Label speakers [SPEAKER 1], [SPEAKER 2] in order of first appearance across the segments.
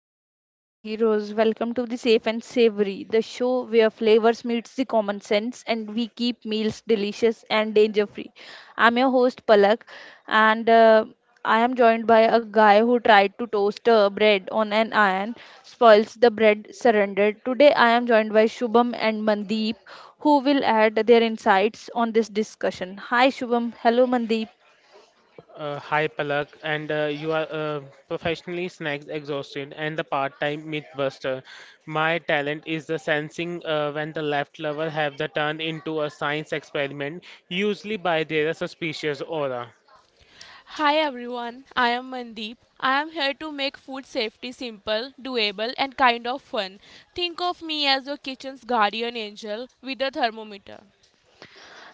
[SPEAKER 1] the safety superheroes. Welcome to the Safe and Savory, the show where flavors meets the common sense and we keep meals delicious and danger free. I'm your host Palak, and I am joined by a guy who tried to toast bread on an iron, spoils the bread, surrendered. Today, I am joined by Shubham and Mandeep, who will add their insights on this discussion. Hi, Shubham. Hello, Mandeep.
[SPEAKER 2] Hi Palak, and you are professionally snacks exhausted and the part-time mythbuster. My talent is the sensing when the left lover have the turn into a science experiment, usually by their suspicious aura.
[SPEAKER 3] Hi everyone, I am Mandeep. I am here to make food safety simple, doable, and kind of fun. Think of me as your kitchen's guardian angel with a thermometer.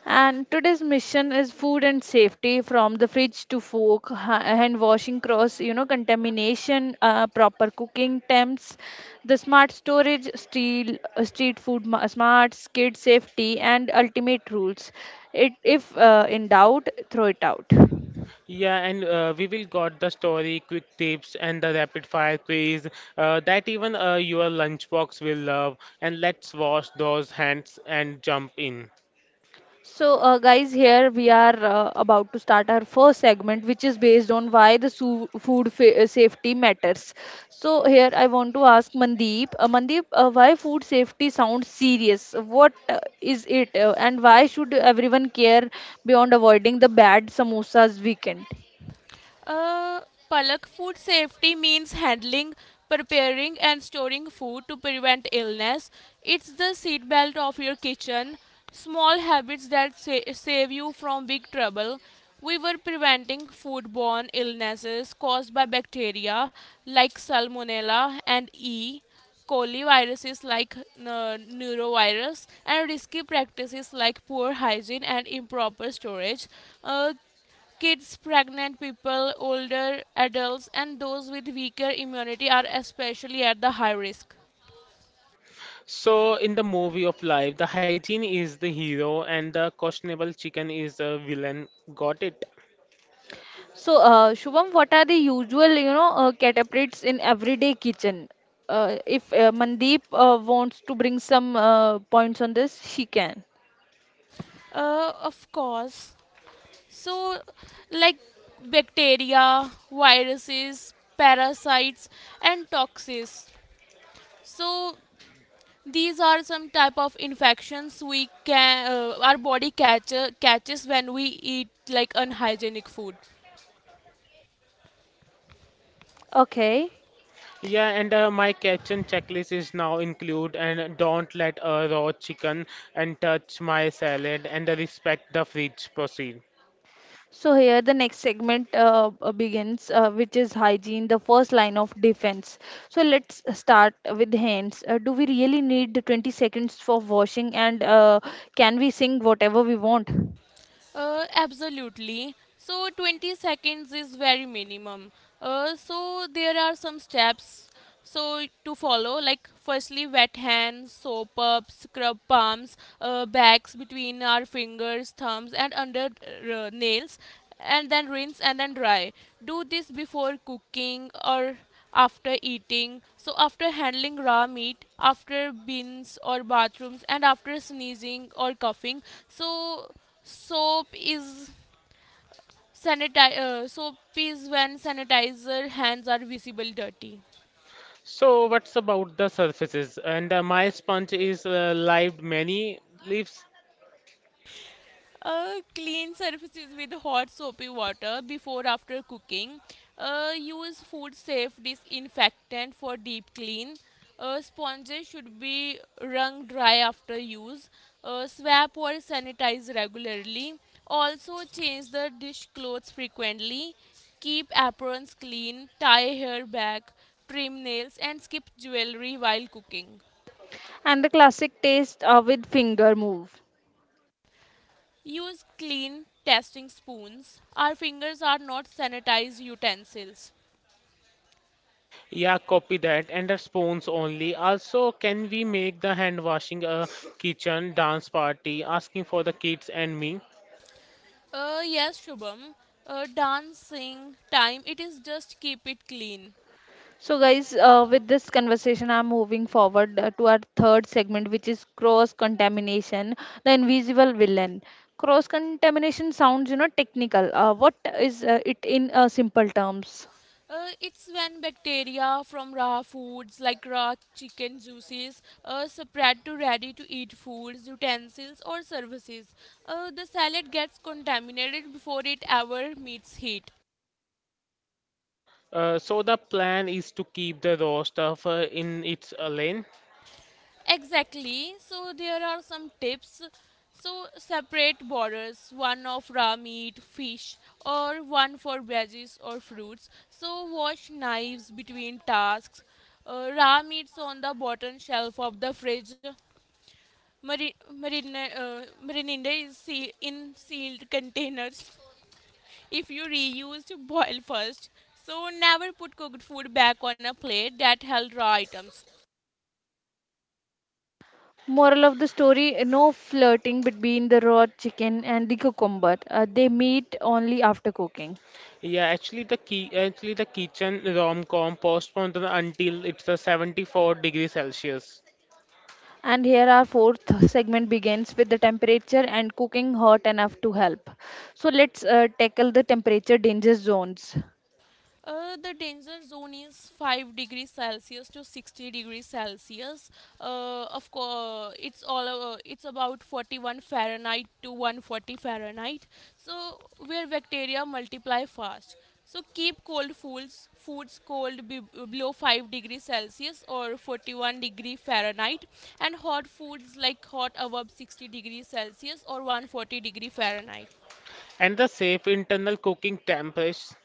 [SPEAKER 1] And today's mission is food and safety from the fridge to fork, hand washing cross, contamination, proper cooking temps, the smart storage, steel, street food smarts, kid safety, and ultimate rules. If in doubt, throw it out.
[SPEAKER 2] Yeah, and we will got the story, quick tips, and the rapid fire quiz that even your lunchbox will love. And let's wash those hands and jump in.
[SPEAKER 1] So, guys, here we are about to start our first segment, which is based on why the safety matters. So, here I want to ask Mandeep, why food safety sounds serious? What is it, and why should everyone care beyond avoiding the bad samosas weekend?
[SPEAKER 3] Uh, Palak, food safety means handling, preparing, and storing food to prevent illness. It's the seatbelt of your kitchen. Small habits that save you from big trouble. We were preventing foodborne illnesses caused by bacteria like Salmonella and E. coli, viruses like neurovirus, and risky practices like poor hygiene and improper storage. Uh, Kids, pregnant people, older adults, and those with weaker immunity are especially at the high risk.
[SPEAKER 2] So, in the movie of life, the hygiene is the hero and the questionable chicken is the villain. Got it?
[SPEAKER 1] So, Shubham, what are the usual, catapults in everyday kitchen? If Mandeep wants to bring some points on this, she can.
[SPEAKER 3] Of course. So, like bacteria, viruses, parasites, and toxins. So, these are some type of infections we can catches when we eat like unhygienic food.
[SPEAKER 1] Okay.
[SPEAKER 2] Yeah, and my kitchen checklist is now include and don't let a raw chicken and touch my salad and respect the fridge. Proceed.
[SPEAKER 1] So here the next segment begins, which is hygiene, the first line of defense. So let's start with hands. Do we really need the 20 seconds for washing, and can we sing whatever we want?
[SPEAKER 3] Absolutely. So 20 seconds is very minimum. So there are some steps so to follow, like firstly wet hands, soap up, scrub palms, backs, between our fingers, thumbs, and under nails, and then rinse, and then dry. Do this before cooking or after eating, so after handling raw meat, after bins or bathrooms, and after sneezing or coughing. So soap is sanitize. Soap is when sanitizer hands are visible dirty.
[SPEAKER 2] So, what's about the surfaces? And my sponge is live many leaves.
[SPEAKER 3] Clean surfaces with hot soapy water before after cooking. Use food safe disinfectant for deep clean. Sponges should be wrung dry after use. Swap or sanitize regularly. Also change the dish clothes frequently. Keep aprons clean. Tie hair back. Trim nails and skip jewelry while cooking.
[SPEAKER 1] And the classic taste with finger move.
[SPEAKER 3] Use clean testing spoons. Our fingers are not sanitized utensils.
[SPEAKER 2] Yeah, copy that. And the spoons only. Also, can we make the hand washing a kitchen dance party asking for the kids and me?
[SPEAKER 3] Yes, Shubham. Dancing time, it is, just keep it clean.
[SPEAKER 1] So guys, with this conversation, I'm moving forward to our third segment, which is cross contamination, the invisible villain. Cross contamination sounds technical. What is it in simple terms?
[SPEAKER 3] It's when bacteria from raw foods like raw chicken juices spread to ready to eat foods, utensils, or services. The salad gets contaminated before it ever meets heat.
[SPEAKER 2] So the plan is to keep the raw stuff in its lane.
[SPEAKER 3] Exactly. So there are some tips. So separate borders, one of raw meat, fish, or one for veggies or fruits. So wash knives between tasks. Raw meats on the bottom shelf of the fridge. Marinade is in sealed containers. If you reused, boil first. So never put cooked food back on a plate that held raw items.
[SPEAKER 1] Moral of the story no flirting between the raw chicken and the cucumber. They meet only after cooking.
[SPEAKER 2] Yeah, actually the key actually the kitchen rom-com postponed until it's 74 degrees Celsius
[SPEAKER 1] And here our fourth segment begins with the temperature and cooking hot enough to help. So let's tackle the temperature danger zones.
[SPEAKER 3] The danger zone is 5 degrees Celsius to 60 degrees Celsius. Of course, it's all it's about 41 Fahrenheit to 140 Fahrenheit. So where bacteria multiply fast. So keep cold foods cold below 5 degrees Celsius or 41-degree Fahrenheit, and hot foods like hot above 60 degrees Celsius or 140-degree Fahrenheit.
[SPEAKER 2] and the safe internal cooking temps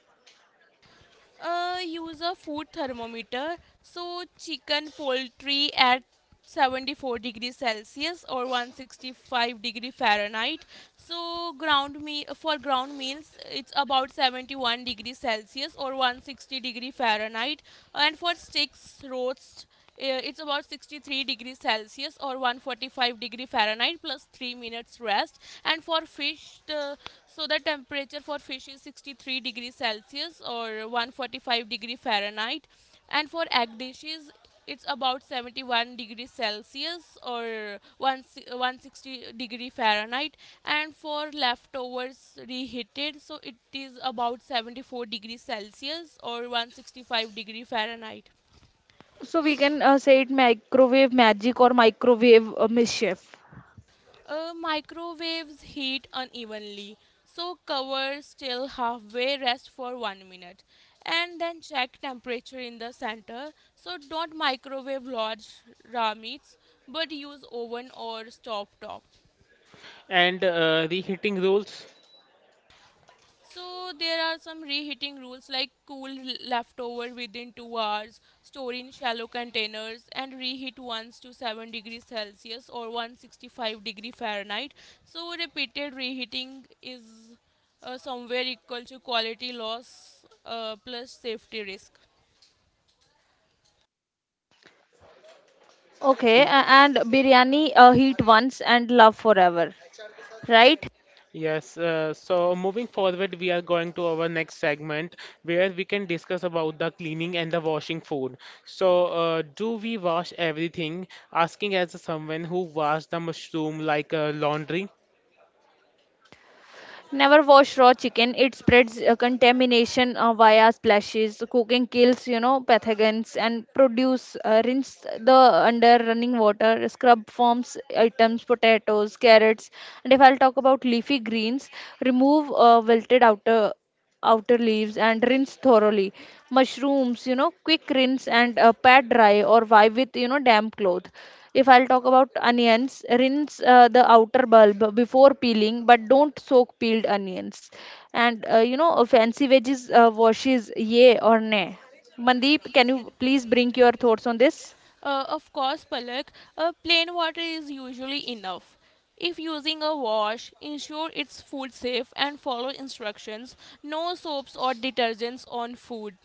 [SPEAKER 3] Use a food thermometer. So chicken poultry at 74 degrees Celsius or 165-degree Fahrenheit. So ground me for ground meals, it's about 71 degrees Celsius or 160-degree Fahrenheit. And for sticks roast, it's about 63 degrees Celsius or 145-degree Fahrenheit plus 3 minutes rest. And for fish, the temperature for fish is 63 degrees Celsius or 145-degree Fahrenheit. And for egg dishes, it's about 71 degrees Celsius or 160-degree Fahrenheit. And for leftovers reheated, so it is about 74 degrees Celsius or 165-degree Fahrenheit.
[SPEAKER 1] So we can say it microwave magic or microwave mischief.
[SPEAKER 3] Microwaves heat unevenly, so cover still halfway, rest for 1 minute, and then check temperature in the center. So don't microwave large raw meats, but use oven or stove top.
[SPEAKER 2] and reheating rules.
[SPEAKER 3] So there are some reheating rules like cool leftover within 2 hours, store in shallow containers, and reheat once to 7 degrees Celsius or 165-degree Fahrenheit. So repeated reheating is somewhere equal to quality loss plus safety risk.
[SPEAKER 1] Okay, and biryani heat once and love forever, right?
[SPEAKER 2] Yes, so moving forward, we are going to our next segment where we can discuss about the cleaning and the washing food. So, do we wash everything? Asking as someone who washed the mushroom like laundry,
[SPEAKER 1] Never wash raw chicken. It spreads contamination via splashes. Cooking kills, pathogens and produce. Rinse the under running water. Scrub forms items, potatoes, carrots. And if I'll talk about leafy greens, remove wilted outer leaves and rinse thoroughly. Mushrooms, quick rinse and pat dry or wipe with damp cloth. If I'll talk about onions, rinse the outer bulb before peeling, but don't soak peeled onions. And fancy veggies washes, yay or nay. Mandeep, can you please bring your thoughts on this?
[SPEAKER 3] Palak, plain water is usually enough. If using a wash, ensure it's food safe and follow instructions. No soaps or detergents on food.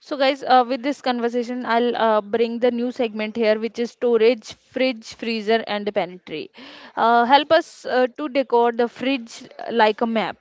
[SPEAKER 1] So, guys, with this conversation, I'll bring the new segment here, which is storage, fridge, freezer, and the pantry. Help us to decor the fridge like a map.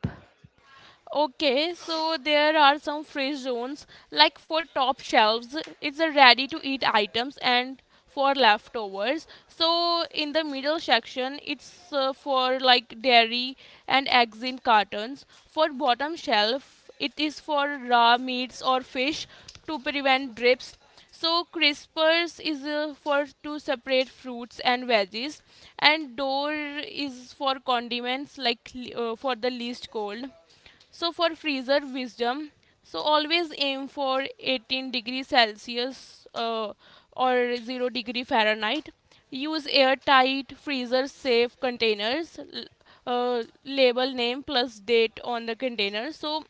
[SPEAKER 3] Okay, so there are some free zones, like for top shelves, it's a ready to eat items and for leftovers. So in the middle section, it's for like dairy and eggs in cartons. For bottom shelf, it is for raw meats or fish to prevent drips. So crispers is for to separate fruits and veggies, and door is for condiments, like for the least cold. So for freezer wisdom, so always aim for 18-degree Celsius uh, or 0-degree Fahrenheit. Use airtight freezer safe containers. Label name plus date on the container. So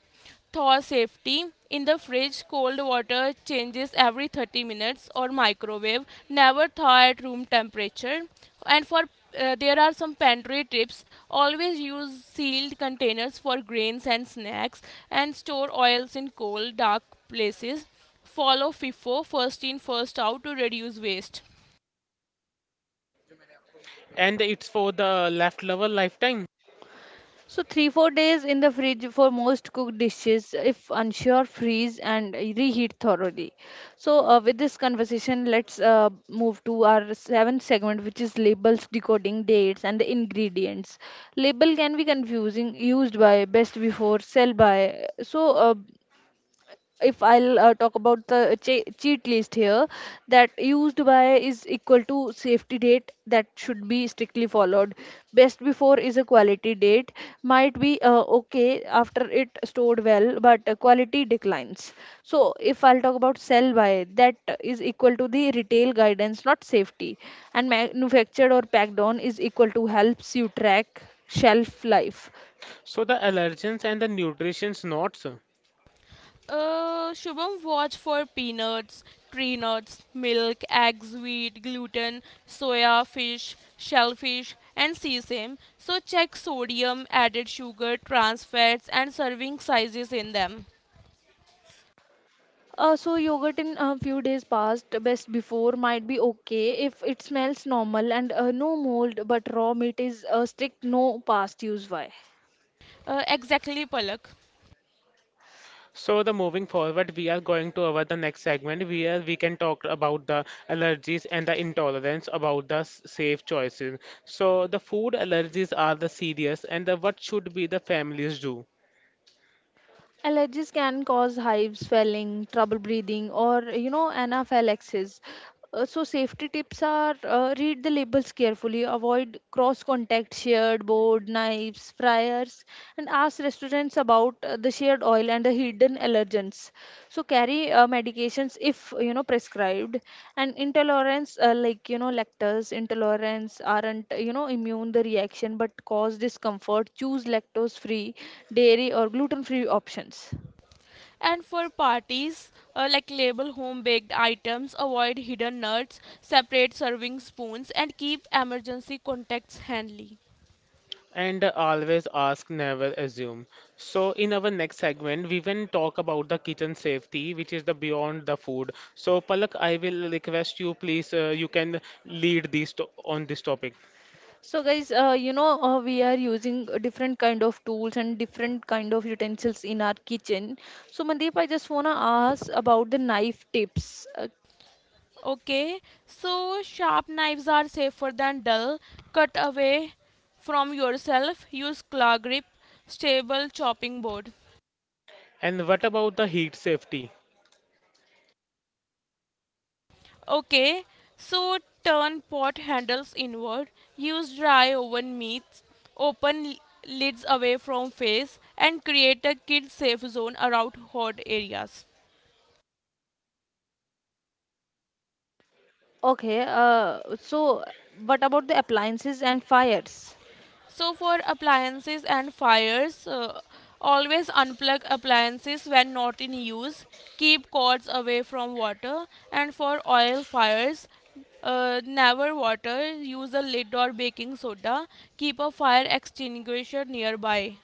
[SPEAKER 3] thaw safety in the fridge, cold water changes every 30 minutes or microwave. Never thaw at room temperature. And for There are some pantry tips. Always use sealed containers for grains and snacks, and store oils in cold, dark places. Follow FIFO, first in, first out, to reduce waste.
[SPEAKER 2] and it's for the leftover lifetime.
[SPEAKER 1] So, 3-4 days in the fridge for most cooked dishes. If unsure, freeze and reheat thoroughly. So, with this conversation, let's move to our seventh segment, which is labels, decoding dates, and the ingredients. Label can be confusing, used by, best before, sell by. So, if I'll talk about the cheat list here, that used by is equal to safety date that should be strictly followed. Best before is a quality date, might be okay after it stored well, but quality declines. So, if I'll talk about sell by, that is equal to the retail guidance, not safety. And manufactured or packed on is equal to helps you track shelf life.
[SPEAKER 2] So the allergens and the nutrition's not.
[SPEAKER 3] Shubham, watch for peanuts, tree nuts, milk, eggs, wheat, gluten, soya, fish, shellfish, and sesame. So check sodium, added sugar, trans fats, and serving sizes in them.
[SPEAKER 1] So yogurt in a few days past, best before might be okay if it smells normal and no mold, but raw meat is a strict no past use. Why?
[SPEAKER 3] Exactly, Palak.
[SPEAKER 2] So the moving forward, we are going to our the next segment where we can talk about the allergies and the intolerance about the safe choices. So the food allergies are the serious and the what should be the families do.
[SPEAKER 1] Allergies can cause hives, swelling, trouble breathing, or anaphylaxis. So, safety tips are read the labels carefully, avoid cross contact, shared board, knives, fryers, and ask restaurants about the shared oil and the hidden allergens. So, carry medications if prescribed, and intolerance lactose intolerance aren't immune the reaction but cause discomfort. Choose lactose free dairy or gluten free options.
[SPEAKER 3] And for parties, like label home baked items, avoid hidden nuts, separate serving spoons, and keep emergency contacts handy.
[SPEAKER 2] And always ask, never assume. So, in our next segment, we will talk about the kitchen safety, which is the beyond the food. So, Palak, I will request you, please, you can lead this to on this topic.
[SPEAKER 1] So guys, we are using different kind of tools and different kind of utensils in our kitchen. So Mandeep, I just want to ask about the knife tips.
[SPEAKER 3] Okay, so sharp knives are safer than dull. Cut away from yourself. Use claw grip, stable chopping board.
[SPEAKER 2] And what about the heat safety?
[SPEAKER 3] Okay, so turn pot handles inward. Use dry oven meats. Open lids away from face, and create a kid safe zone around hot areas.
[SPEAKER 1] Okay, so what about the appliances and fires?
[SPEAKER 3] So, for appliances and fires, always unplug appliances when not in use, keep cords away from water, and for oil fires, never water, use a lid or baking soda, keep a fire extinguisher nearby.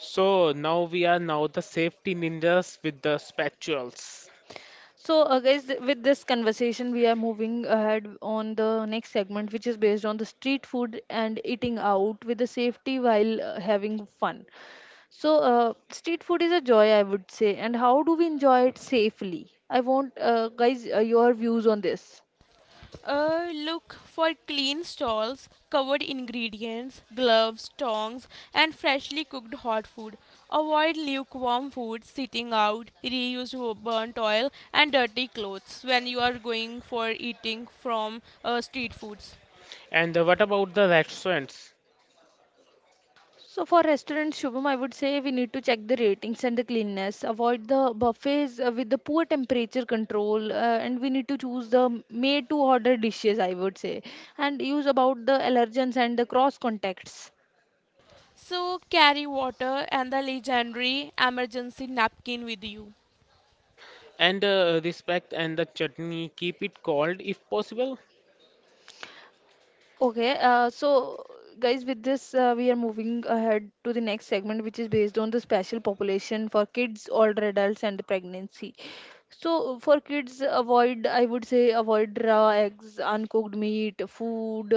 [SPEAKER 2] So now we are now the safety ninjas with the spatulas.
[SPEAKER 1] So guys, with this conversation we are moving ahead on the next segment which is based on the street food and eating out with the safety while having fun. So, street food is a joy, I would say. And how do we enjoy it safely? I want, guys, your views on this.
[SPEAKER 3] Look for clean stalls, covered ingredients, gloves, tongs, and freshly cooked hot food. Avoid lukewarm food, sitting out, reused burnt oil, and dirty clothes when you are going for eating from street foods.
[SPEAKER 2] And what about the restaurants?
[SPEAKER 1] So, for restaurants, Shubham, I would say we need to check the ratings and the cleanliness. Avoid the buffets with the poor temperature control, and we need to choose the made to order dishes, I would say, and use about the allergens and the cross contacts.
[SPEAKER 3] So, carry water and the legendary emergency napkin with you.
[SPEAKER 2] And respect and the chutney, keep it cold if possible.
[SPEAKER 1] Okay, so guys, with this, we are moving ahead to the next segment, which is based on the special population for kids, older adults, and pregnancy. So for kids, avoid I would say avoid raw eggs, uncooked meat, food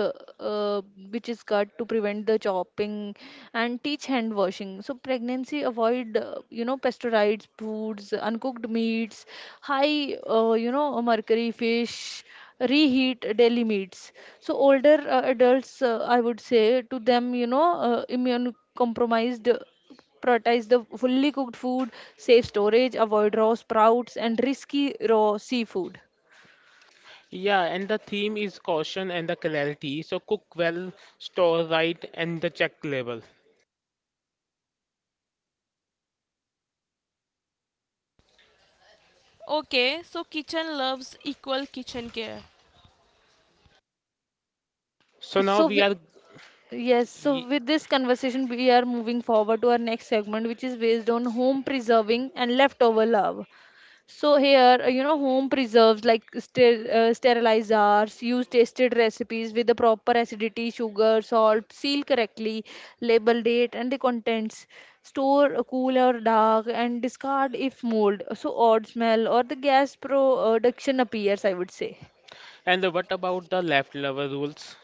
[SPEAKER 1] which is cut to prevent the chopping, and teach hand washing. So pregnancy, avoid pasteurized foods, uncooked meats, high mercury fish, reheat daily meats. So older adults, I would say to them, immune compromised. Prioritize the fully cooked food, save storage, avoid raw sprouts, and risky raw seafood.
[SPEAKER 2] Yeah, and the theme is caution and the clarity. So cook well, store right, and the check label.
[SPEAKER 3] Okay, so kitchen loves equal kitchen care.
[SPEAKER 2] So now
[SPEAKER 1] So,
[SPEAKER 2] we are.
[SPEAKER 1] wi- yes, so,
[SPEAKER 2] y-
[SPEAKER 1] with this conversation, we are moving forward to our next segment, which is based on home preserving and leftover love. So here, home preserves like sterilized jars, use tested recipes with the proper acidity, sugar, salt, seal correctly, label date and the contents, store cool or dark, and discard if mold. So odd smell or the gas production appears, I would say.
[SPEAKER 2] And what about the leftover rules?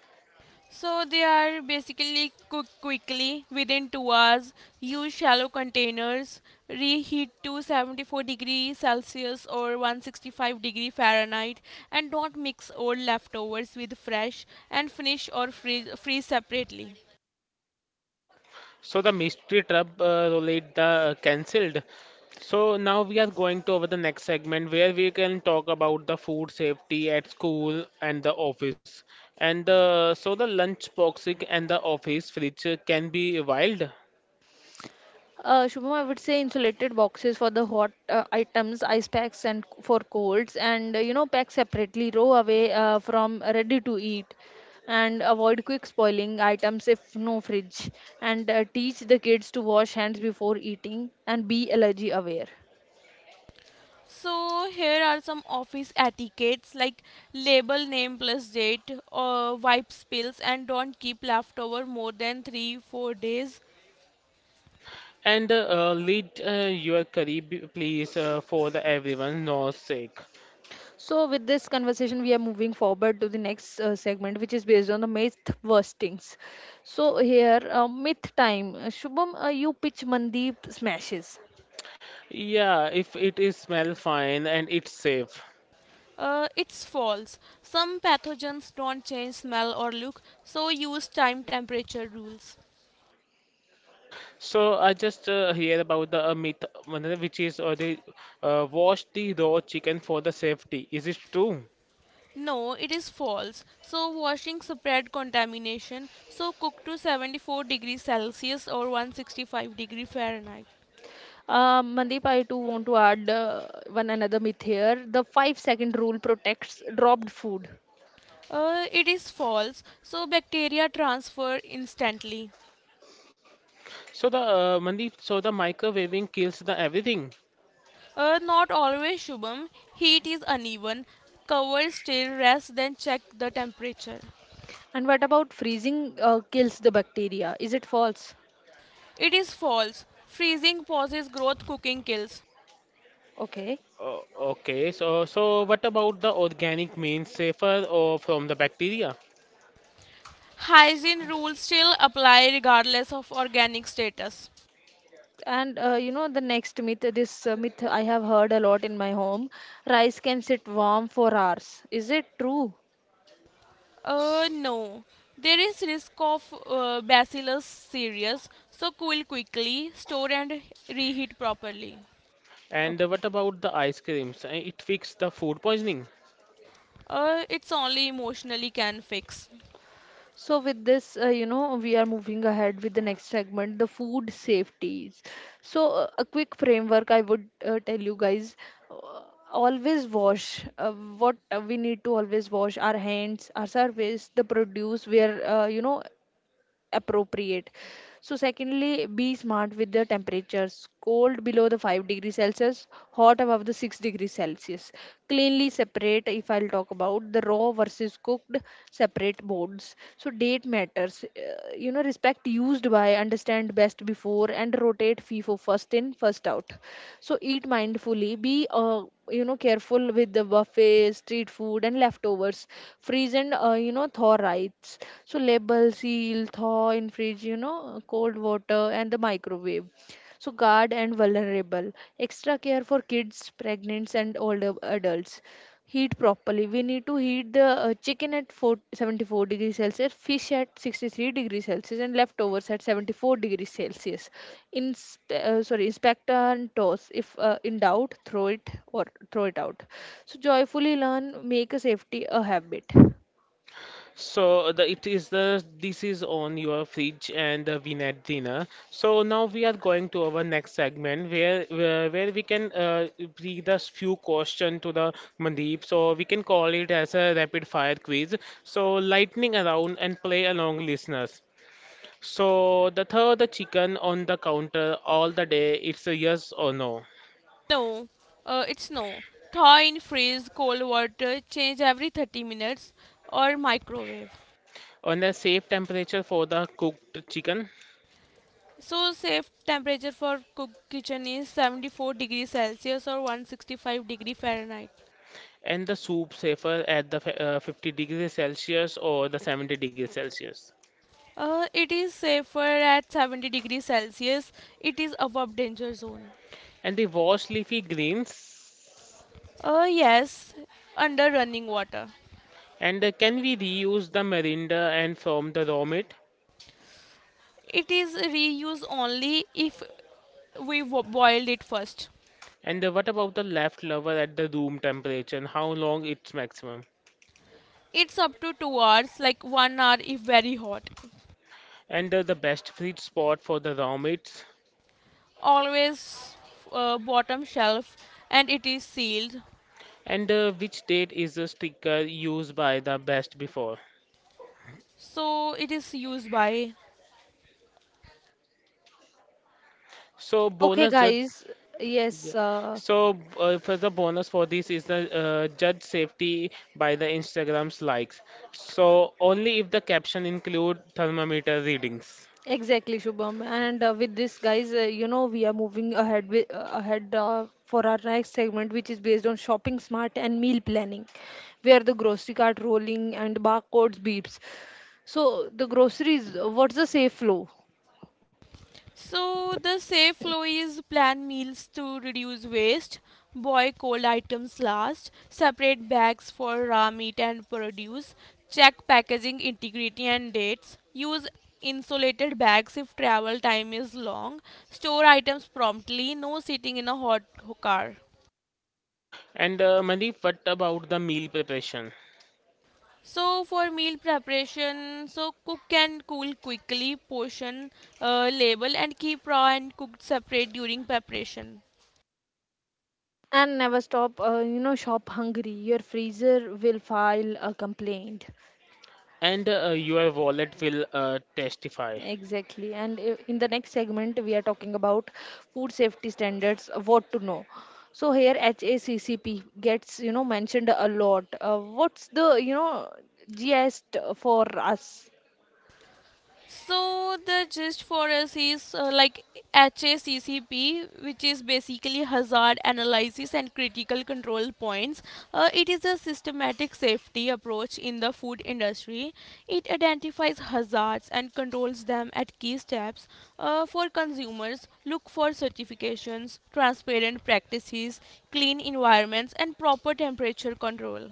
[SPEAKER 3] So they are basically cooked quickly within 2 hours. Use shallow containers. Reheat to 74 degree Celsius or 165-degree Fahrenheit, and don't mix old leftovers with fresh, and finish or freeze separately.
[SPEAKER 2] So the mystery trap roulette the cancelled. So now we are going to over the next segment where we can talk about the food safety at school and the office. And so the lunch boxing and the office fridge can be wild.
[SPEAKER 1] Shubham, I would say insulated boxes for the hot items, ice packs, and for colds, and pack separately, row away from ready to eat, and avoid quick spoiling items if no fridge, and teach the kids to wash hands before eating and be allergy aware.
[SPEAKER 3] So here are some office etiquettes like label name plus date, wipe spills, and don't keep leftover more than 3-4 days.
[SPEAKER 2] And lead your curry, please, for the everyone' knows sake.
[SPEAKER 1] So, with this conversation, we are moving forward to the next segment, which is based on the myth bustings. So, here, myth time. Shubham, you pitch Mandeep smashes.
[SPEAKER 2] Yeah, if it is smell fine and it's safe.
[SPEAKER 3] It's false. Some pathogens don't change smell or look, so use time temperature rules.
[SPEAKER 2] So I just hear about the myth, Manoj, which is they wash the raw chicken for the safety. Is it true?
[SPEAKER 3] No, it is false. So washing spread contamination, so cook to 74 degrees Celsius or 165-degree Fahrenheit.
[SPEAKER 1] Mandeep, I too want to add one another myth here. The 5-second rule protects dropped food.
[SPEAKER 3] It is false. So bacteria transfer instantly.
[SPEAKER 2] So the Mandeep, so the microwaving kills the everything.
[SPEAKER 3] Not always, Shubham. Heat is uneven. Cover still rest, then check the temperature.
[SPEAKER 1] And what about freezing kills the bacteria? Is it false?
[SPEAKER 3] It is false. Freezing pauses growth, cooking kills.
[SPEAKER 1] Okay.
[SPEAKER 2] Oh, okay. So what about the organic means safer or from the bacteria?
[SPEAKER 3] Hygiene rules still apply regardless of organic status.
[SPEAKER 1] And the next myth, this myth I have heard a lot in my home rice can sit warm for hours. Is it true?
[SPEAKER 3] No. There is risk of Bacillus cereus, so cool quickly, store, and reheat properly.
[SPEAKER 2] And what
[SPEAKER 1] Okay.
[SPEAKER 2] about the ice creams? It fixes the food poisoning.
[SPEAKER 3] It's only emotionally can fix.
[SPEAKER 1] So, with this, we are moving ahead with the next segment, the food safeties. So, a quick framework I would tell you guys uh, always wash what we need to always wash our hands, our surface, the produce where, appropriate. So secondly be smart with the temperatures, cold below the 5-degree celsius, hot above the 6-degree celsius. Cleanly separate, if I'll talk about the raw versus cooked, separate boards. So date matters, respect used by, understand best before and rotate fee for first in first out. So eat mindfully, be careful with the buffets, street food and leftovers. Freeze and thaw rights. So label, seal, thaw in fridge, cold water and the microwave. So guard and vulnerable, extra care for kids, pregnant and older adults. Heat properly, we need to heat the chicken at 474 74 degrees celsius, fish at 63 degrees celsius and leftovers at 74 degrees celsius. In sorry, inspect and toss if in doubt throw it out. So joyfully learn, make a safety a habit.
[SPEAKER 2] So the it is the this is on your fridge and the win dinner. So now we are going to our next segment where we can read a few question to the Mandeep. So we can call it as a rapid fire quiz. So lightning around and play along, listeners. So the third the chicken on the counter all the day. It's a yes or no
[SPEAKER 3] No, it's no. Thaw in freeze, cold water, change every 30 minutes or microwave.
[SPEAKER 2] on a safe temperature for the cooked chicken.
[SPEAKER 3] So safe temperature for cook kitchen is 74 degrees Celsius or 165-degree Fahrenheit.
[SPEAKER 2] And the soup safer at the 50 degrees Celsius or the 70 degrees Celsius.
[SPEAKER 3] It is safer at 70 degrees Celsius. It is above danger zone.
[SPEAKER 2] And they wash leafy greens.
[SPEAKER 3] Yes, under running water.
[SPEAKER 2] And can we reuse the marinda and from the raw meat?
[SPEAKER 3] It is reuse only if we boiled it first.
[SPEAKER 2] And what about the leftover at the room temperature and how long it's maximum?
[SPEAKER 3] It's up to 2 hours, like 1 hour if very hot.
[SPEAKER 2] And the best fridge spot for the raw meats?
[SPEAKER 3] Always, bottom shelf, and it is sealed.
[SPEAKER 2] And which date is the sticker used by the best before?
[SPEAKER 3] So it is used by.
[SPEAKER 2] So
[SPEAKER 1] Okay
[SPEAKER 2] bonus judge.
[SPEAKER 1] guys,
[SPEAKER 2] Yeah.
[SPEAKER 1] yes
[SPEAKER 2] So, for the bonus for this is the judge safety by the Instagram's likes. So, only if the caption include thermometer readings.
[SPEAKER 1] Exactly, Shubham. And with this, guys, we are moving ahead with, ahead for our next segment, which is based on shopping smart and meal planning, where the grocery cart rolling and barcodes beeps. So the groceries, what's the safe flow?
[SPEAKER 3] So the safe flow is plan meals to reduce waste, boil cold items last, separate bags for raw meat and produce, check packaging integrity and dates, use insulated bags if travel time is long, store items promptly, no sitting in a hot car.
[SPEAKER 2] And Mandeep, what about the meal preparation?
[SPEAKER 3] So for meal preparation, so cook and cool quickly, portion, label, and keep raw and cooked separate during preparation.
[SPEAKER 1] And never stop, shop hungry. Your freezer will file a complaint.
[SPEAKER 2] And your wallet will testify.
[SPEAKER 1] Exactly. And in the next segment, we are talking about food safety standards, what to know. So here HACCP gets, mentioned a lot. What's the, GS for us?
[SPEAKER 3] So the gist for us is like HACCP, which is basically Hazard Analysis and Critical Control Points. It is a systematic safety approach in the food industry. It identifies hazards and controls them at key steps. For consumers, look for certifications, transparent practices, clean environments, and proper temperature control.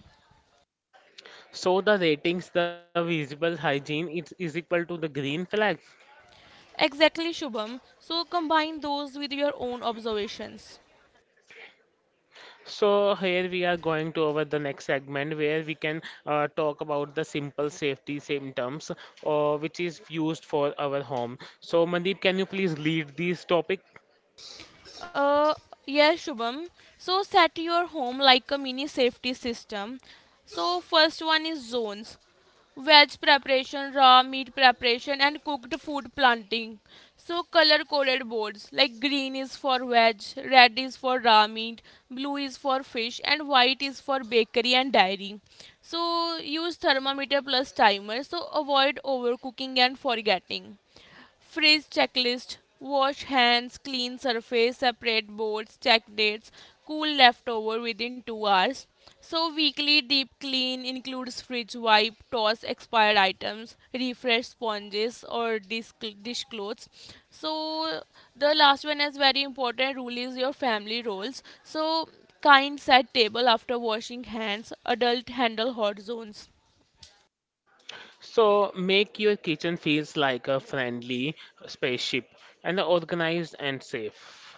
[SPEAKER 2] So the ratings, the visible hygiene is equal to the green flag.
[SPEAKER 3] Exactly, Shubham. So combine those with your own observations.
[SPEAKER 2] So here we are going to over the next segment where we can talk about the simple safety symptoms which is used for our home. So Mandeep, can you please lead this topic?
[SPEAKER 3] Uh, yes, Shubham. So set your home like a mini safety system. So first one is zones. Veg preparation, raw meat preparation, and cooked food planting. So color coded boards, like green is for veg, red is for raw meat, blue is for fish, and white is for bakery and dairy. So use thermometer plus timer. So avoid overcooking and forgetting. Freeze checklist: wash hands, clean surface, separate boards, check dates, cool leftover within 2 hours. So, weekly deep clean includes fridge wipe, toss expired items, refresh sponges or dish clothes. So, the last one is very important rule is your family roles. So, kind set table after washing hands, adult handle hot zones.
[SPEAKER 2] So make your kitchen feels like a friendly spaceship and organized and safe.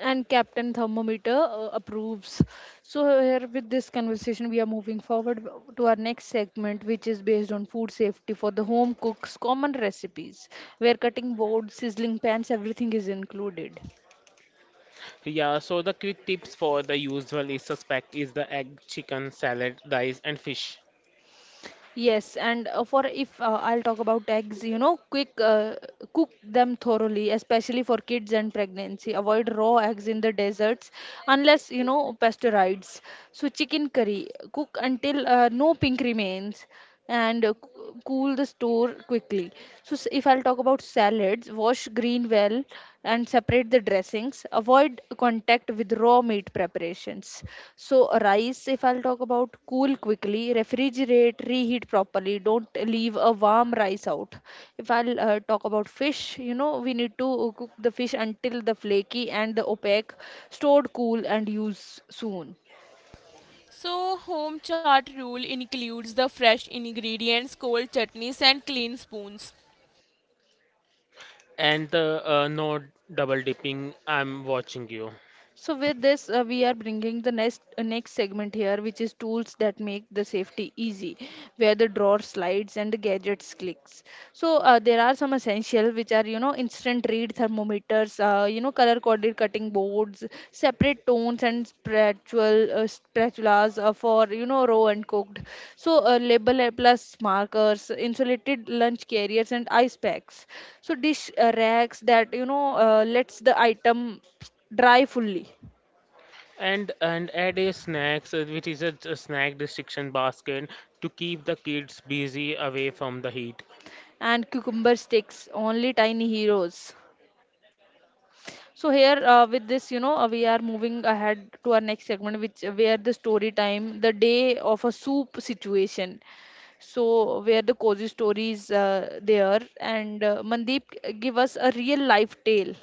[SPEAKER 1] And Captain Thermometer approves. So here with this conversation, we are moving forward to our next segment, which is based on food safety for the home cooks, common recipes, where cutting boards, sizzling pans, everything is included.
[SPEAKER 2] Yeah, so the quick tips for the usual is suspect is the egg, chicken, salad, rice, and fish.
[SPEAKER 1] Yes, and for if I'll talk about eggs, you know, quick cook them thoroughly, especially for kids and pregnancy. Avoid raw eggs in the deserts unless you know pasteurized. So chicken curry, cook until no pink remains and cool the store quickly. So, if I'll talk about salads, wash green well and separate the dressings. Avoid contact with raw meat preparations. So, rice, if I'll talk about cool quickly, refrigerate, reheat properly. Don't leave a warm rice out. If I'll talk about fish, you know, we need to cook the fish until the flaky and the opaque, stored cool and use soon.
[SPEAKER 3] So, home chart rule includes the fresh ingredients, cold chutneys, and clean spoons.
[SPEAKER 2] And the no double dipping. I'm watching you.
[SPEAKER 1] So with this, we are bringing the next segment here, which is tools that make the safety easy, where the drawer slides and the gadgets clicks. So there are some essential which are you know instant read thermometers, you know color coded cutting boards, separate tones and spatual spatulas for you know raw and cooked. So label plus markers, insulated lunch carriers and ice packs. So dish racks that you know lets the item dry fully
[SPEAKER 2] And add a snacks, which is a snack restriction basket to keep the kids busy away from the heat.
[SPEAKER 1] and cucumber sticks only tiny heroes. So here with this you know we are moving ahead to our next segment which where the story time, the day of a soup situation. So where the cozy stories there and Mandeep give us a real life tale.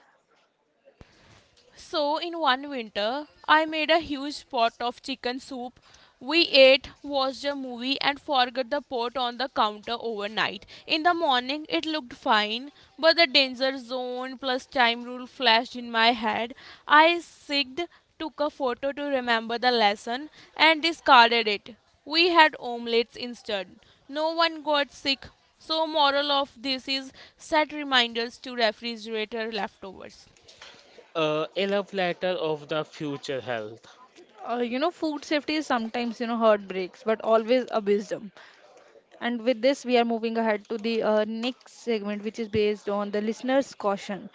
[SPEAKER 3] So, in one winter, I made a huge pot of chicken soup. We ate, watched a movie, and forgot the pot on the counter overnight. In the morning, it looked fine, but the danger zone plus time rule flashed in my head. I sigged, took a photo to remember the lesson, and discarded it. We had omelets instead. No one got sick. So, moral of this is set reminders to refrigerator leftovers.
[SPEAKER 2] A love letter of the future health.
[SPEAKER 1] Uh, you know food safety is sometimes you know heartbreaks but always a wisdom, and with this we are moving ahead to the next segment which is based on the listener's caution.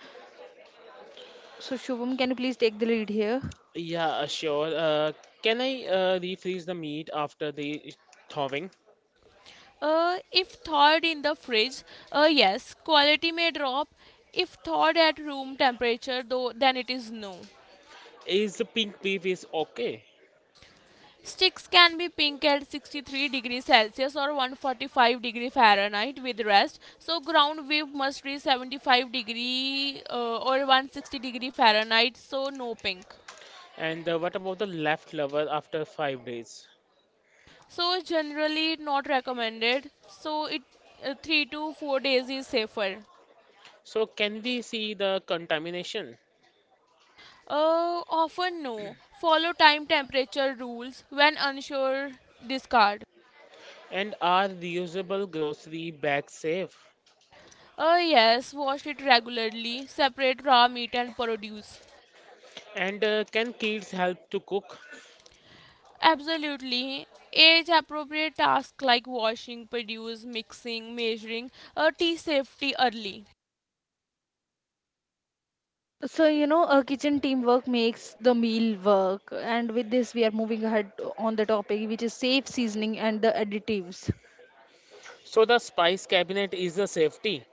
[SPEAKER 1] So, Shubham, can you please take the lead here?
[SPEAKER 2] Yeah, sure. Can I refreeze the meat after the thawing?
[SPEAKER 3] If thawed in the fridge, yes, quality may drop. If thawed at room temperature, though, then it is no.
[SPEAKER 2] Is the pink beef is okay?
[SPEAKER 3] Sticks can be pink at 63 degrees Celsius or 145-degree Fahrenheit with rest. So ground beef must reach 75 degree or 160-degree Fahrenheit. So no pink.
[SPEAKER 2] And what about the leftover after 5 days?
[SPEAKER 3] So generally not recommended. So it 3 to 4 days is safer.
[SPEAKER 2] So can we see the contamination?
[SPEAKER 3] Often no. Follow time temperature rules when unsure, discard.
[SPEAKER 2] And are reusable grocery bags safe?
[SPEAKER 3] Yes, wash it regularly. Separate raw meat and produce.
[SPEAKER 2] And can kids help to cook?
[SPEAKER 3] Absolutely. Age appropriate tasks like washing, produce, mixing, measuring, tea safety early.
[SPEAKER 1] So, you know, a kitchen teamwork makes the meal work. And with this, we are moving ahead on the topic, which is safe seasoning and the additives.
[SPEAKER 2] So the spice cabinet is a safety.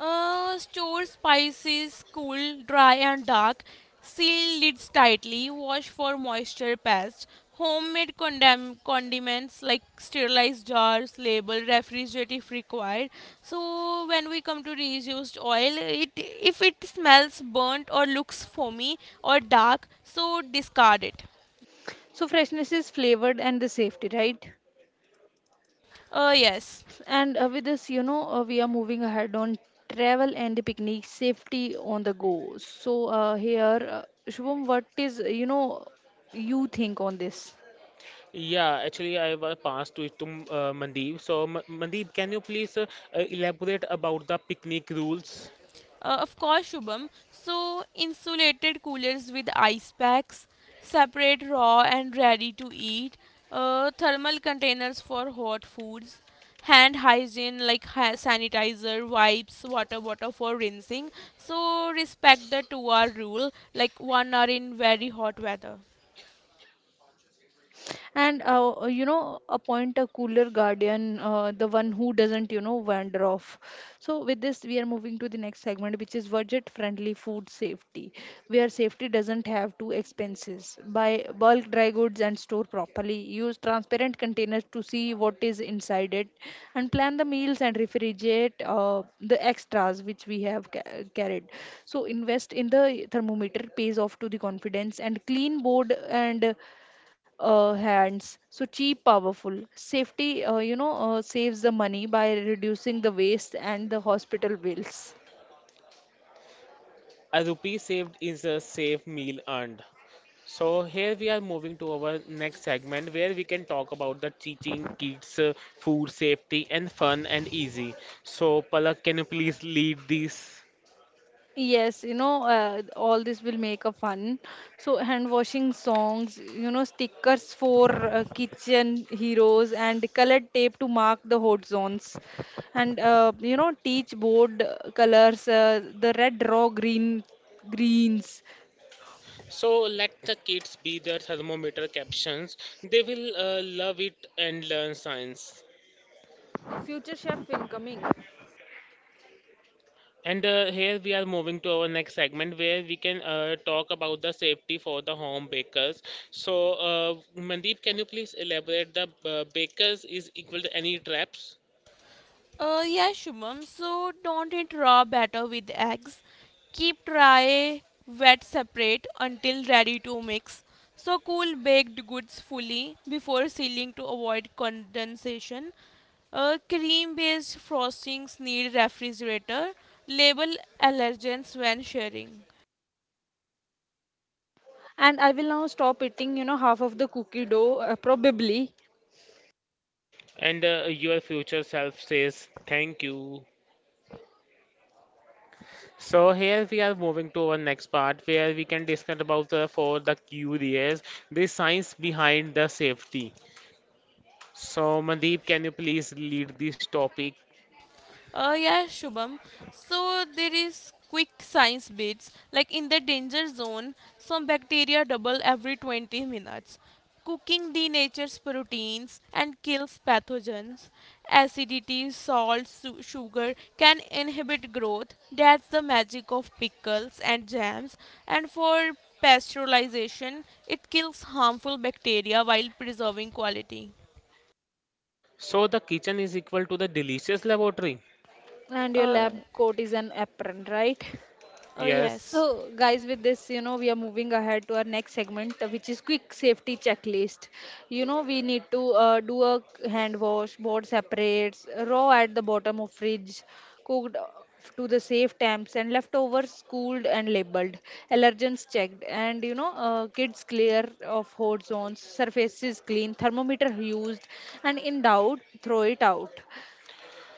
[SPEAKER 3] Store spices cool, dry, and dark. Seal lids tightly. Wash for moisture pests. Homemade condiments like sterilized jars, label, refrigerate if required. So when we come to reused oil, it if it smells burnt or looks foamy or dark, so discard it.
[SPEAKER 1] So, freshness is flavored and the safety, right?
[SPEAKER 3] Yes.
[SPEAKER 1] And with this, you know, we are moving ahead on travel and the picnic safety on the go. So, here, Shubham, what is, you know, you think on this?
[SPEAKER 2] Yeah, actually, I will pass to it to Mandeep. So, M Mandeep, can you please elaborate about the picnic rules?
[SPEAKER 3] Shubham. So, insulated coolers with ice packs, separate raw and ready to eat, thermal containers for hot foods, hand hygiene like sanitizer, wipes, water bottle for rinsing. So, respect the 2 hour rule, like 1 hour in very hot weather.
[SPEAKER 1] And you know appoint a cooler guardian, the one who doesn't you know wander off. So with this we are moving to the next segment which is budget friendly food safety, where safety doesn't have two expenses. Buy bulk dry goods and store properly, use transparent containers to see what is inside it, and plan the meals and refrigerate the extras which we have carried. So invest in the thermometer, pays off to the confidence and clean board and hands. So cheap powerful safety, you know, saves the money by reducing the waste and the hospital bills.
[SPEAKER 2] A rupee saved is a safe meal earned. So here we are moving to our next segment where we can talk about the teaching kids food safety and fun and easy. So Palak, can you please lead this?
[SPEAKER 1] Yes, you know, all this will make a fun. So hand washing songs, you know, stickers for kitchen heroes and colored tape to mark the hot zones, and you know teach board colors, the red raw green greens.
[SPEAKER 2] So let the kids be their thermometer captions. They will love it and learn science.
[SPEAKER 1] Future chef incoming.
[SPEAKER 2] And here we are moving to our next segment where we can talk about the safety for the home bakers. So, Mandeep, can you please elaborate the bakers is equal to any traps?
[SPEAKER 3] Yeah, Shubham. So, don't eat raw batter with eggs. Keep dry, wet separate until ready to mix. So cool baked goods fully before sealing to avoid condensation. Cream based frostings need refrigerator. Label allergens when sharing.
[SPEAKER 1] And I will now stop eating, you know, half of the cookie dough, probably.
[SPEAKER 2] And your future self says thank you. So here we are moving to our next part where we can discuss about the for the curious the science behind the safety. So Mandeep, can you please lead this topic?
[SPEAKER 3] Yeah, Shubham. So there is quick science bits. Like in the danger zone, some bacteria double every 20 minutes. Cooking denatures proteins and kills pathogens. Acidity, salt, sugar can inhibit growth. That's the magic of pickles and jams. And for pasteurization, it kills harmful bacteria while preserving quality.
[SPEAKER 2] So the kitchen is equal to the delicious laboratory.
[SPEAKER 1] And your
[SPEAKER 3] Uh,
[SPEAKER 1] lab coat is an apron, right?
[SPEAKER 3] yes.
[SPEAKER 2] Yes.
[SPEAKER 1] So, guys, with this, you know, we are moving ahead to our next segment, which is quick safety checklist. You know, we need to do a hand wash, board separates, raw at the bottom of fridge, cooked to the safe temps, and leftovers cooled and labeled, allergens checked, and you know, kids clear of hot zones, surfaces clean, thermometer used, and in doubt, throw it out.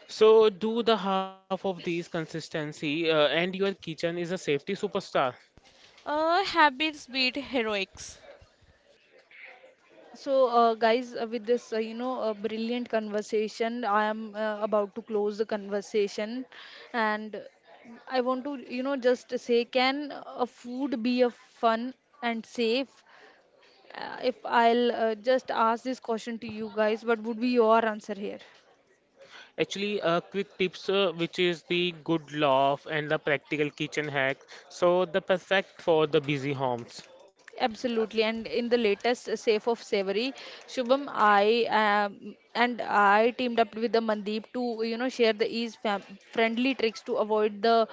[SPEAKER 2] So do the half of these consistency, and your kitchen is a safety superstar.
[SPEAKER 3] Habits beat heroics.
[SPEAKER 1] So, guys, with this, you know, a brilliant conversation, I am about to close the conversation, and I want to, you know, just say, can a food be a fun and safe? If I'll just ask this question to you guys, what would be your answer here?
[SPEAKER 2] Actually, quick tips, which is the good loft and the practical kitchen hack. So the perfect for the busy homes.
[SPEAKER 1] Absolutely, and in the latest Safe of Savory, Shubham, I and I teamed up with the Mandeep to you know share the friendly tricks to avoid the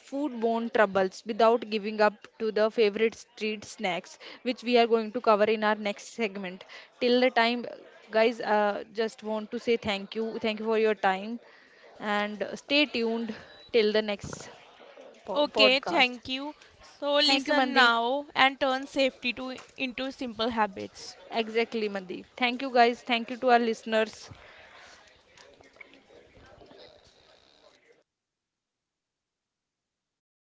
[SPEAKER 1] foodborne troubles without giving up to the favorite street snacks, which we are going to cover in our next segment. Till the time, guys, just want to say thank you for your time and stay tuned till the next
[SPEAKER 3] Okay,
[SPEAKER 1] podcast.
[SPEAKER 3] thank you. So
[SPEAKER 1] Thank you,
[SPEAKER 3] listen
[SPEAKER 1] Mandeep.
[SPEAKER 3] now and turn safety to into simple habits.
[SPEAKER 1] Exactly, Mandeep, thank you guys, thank you to our listeners.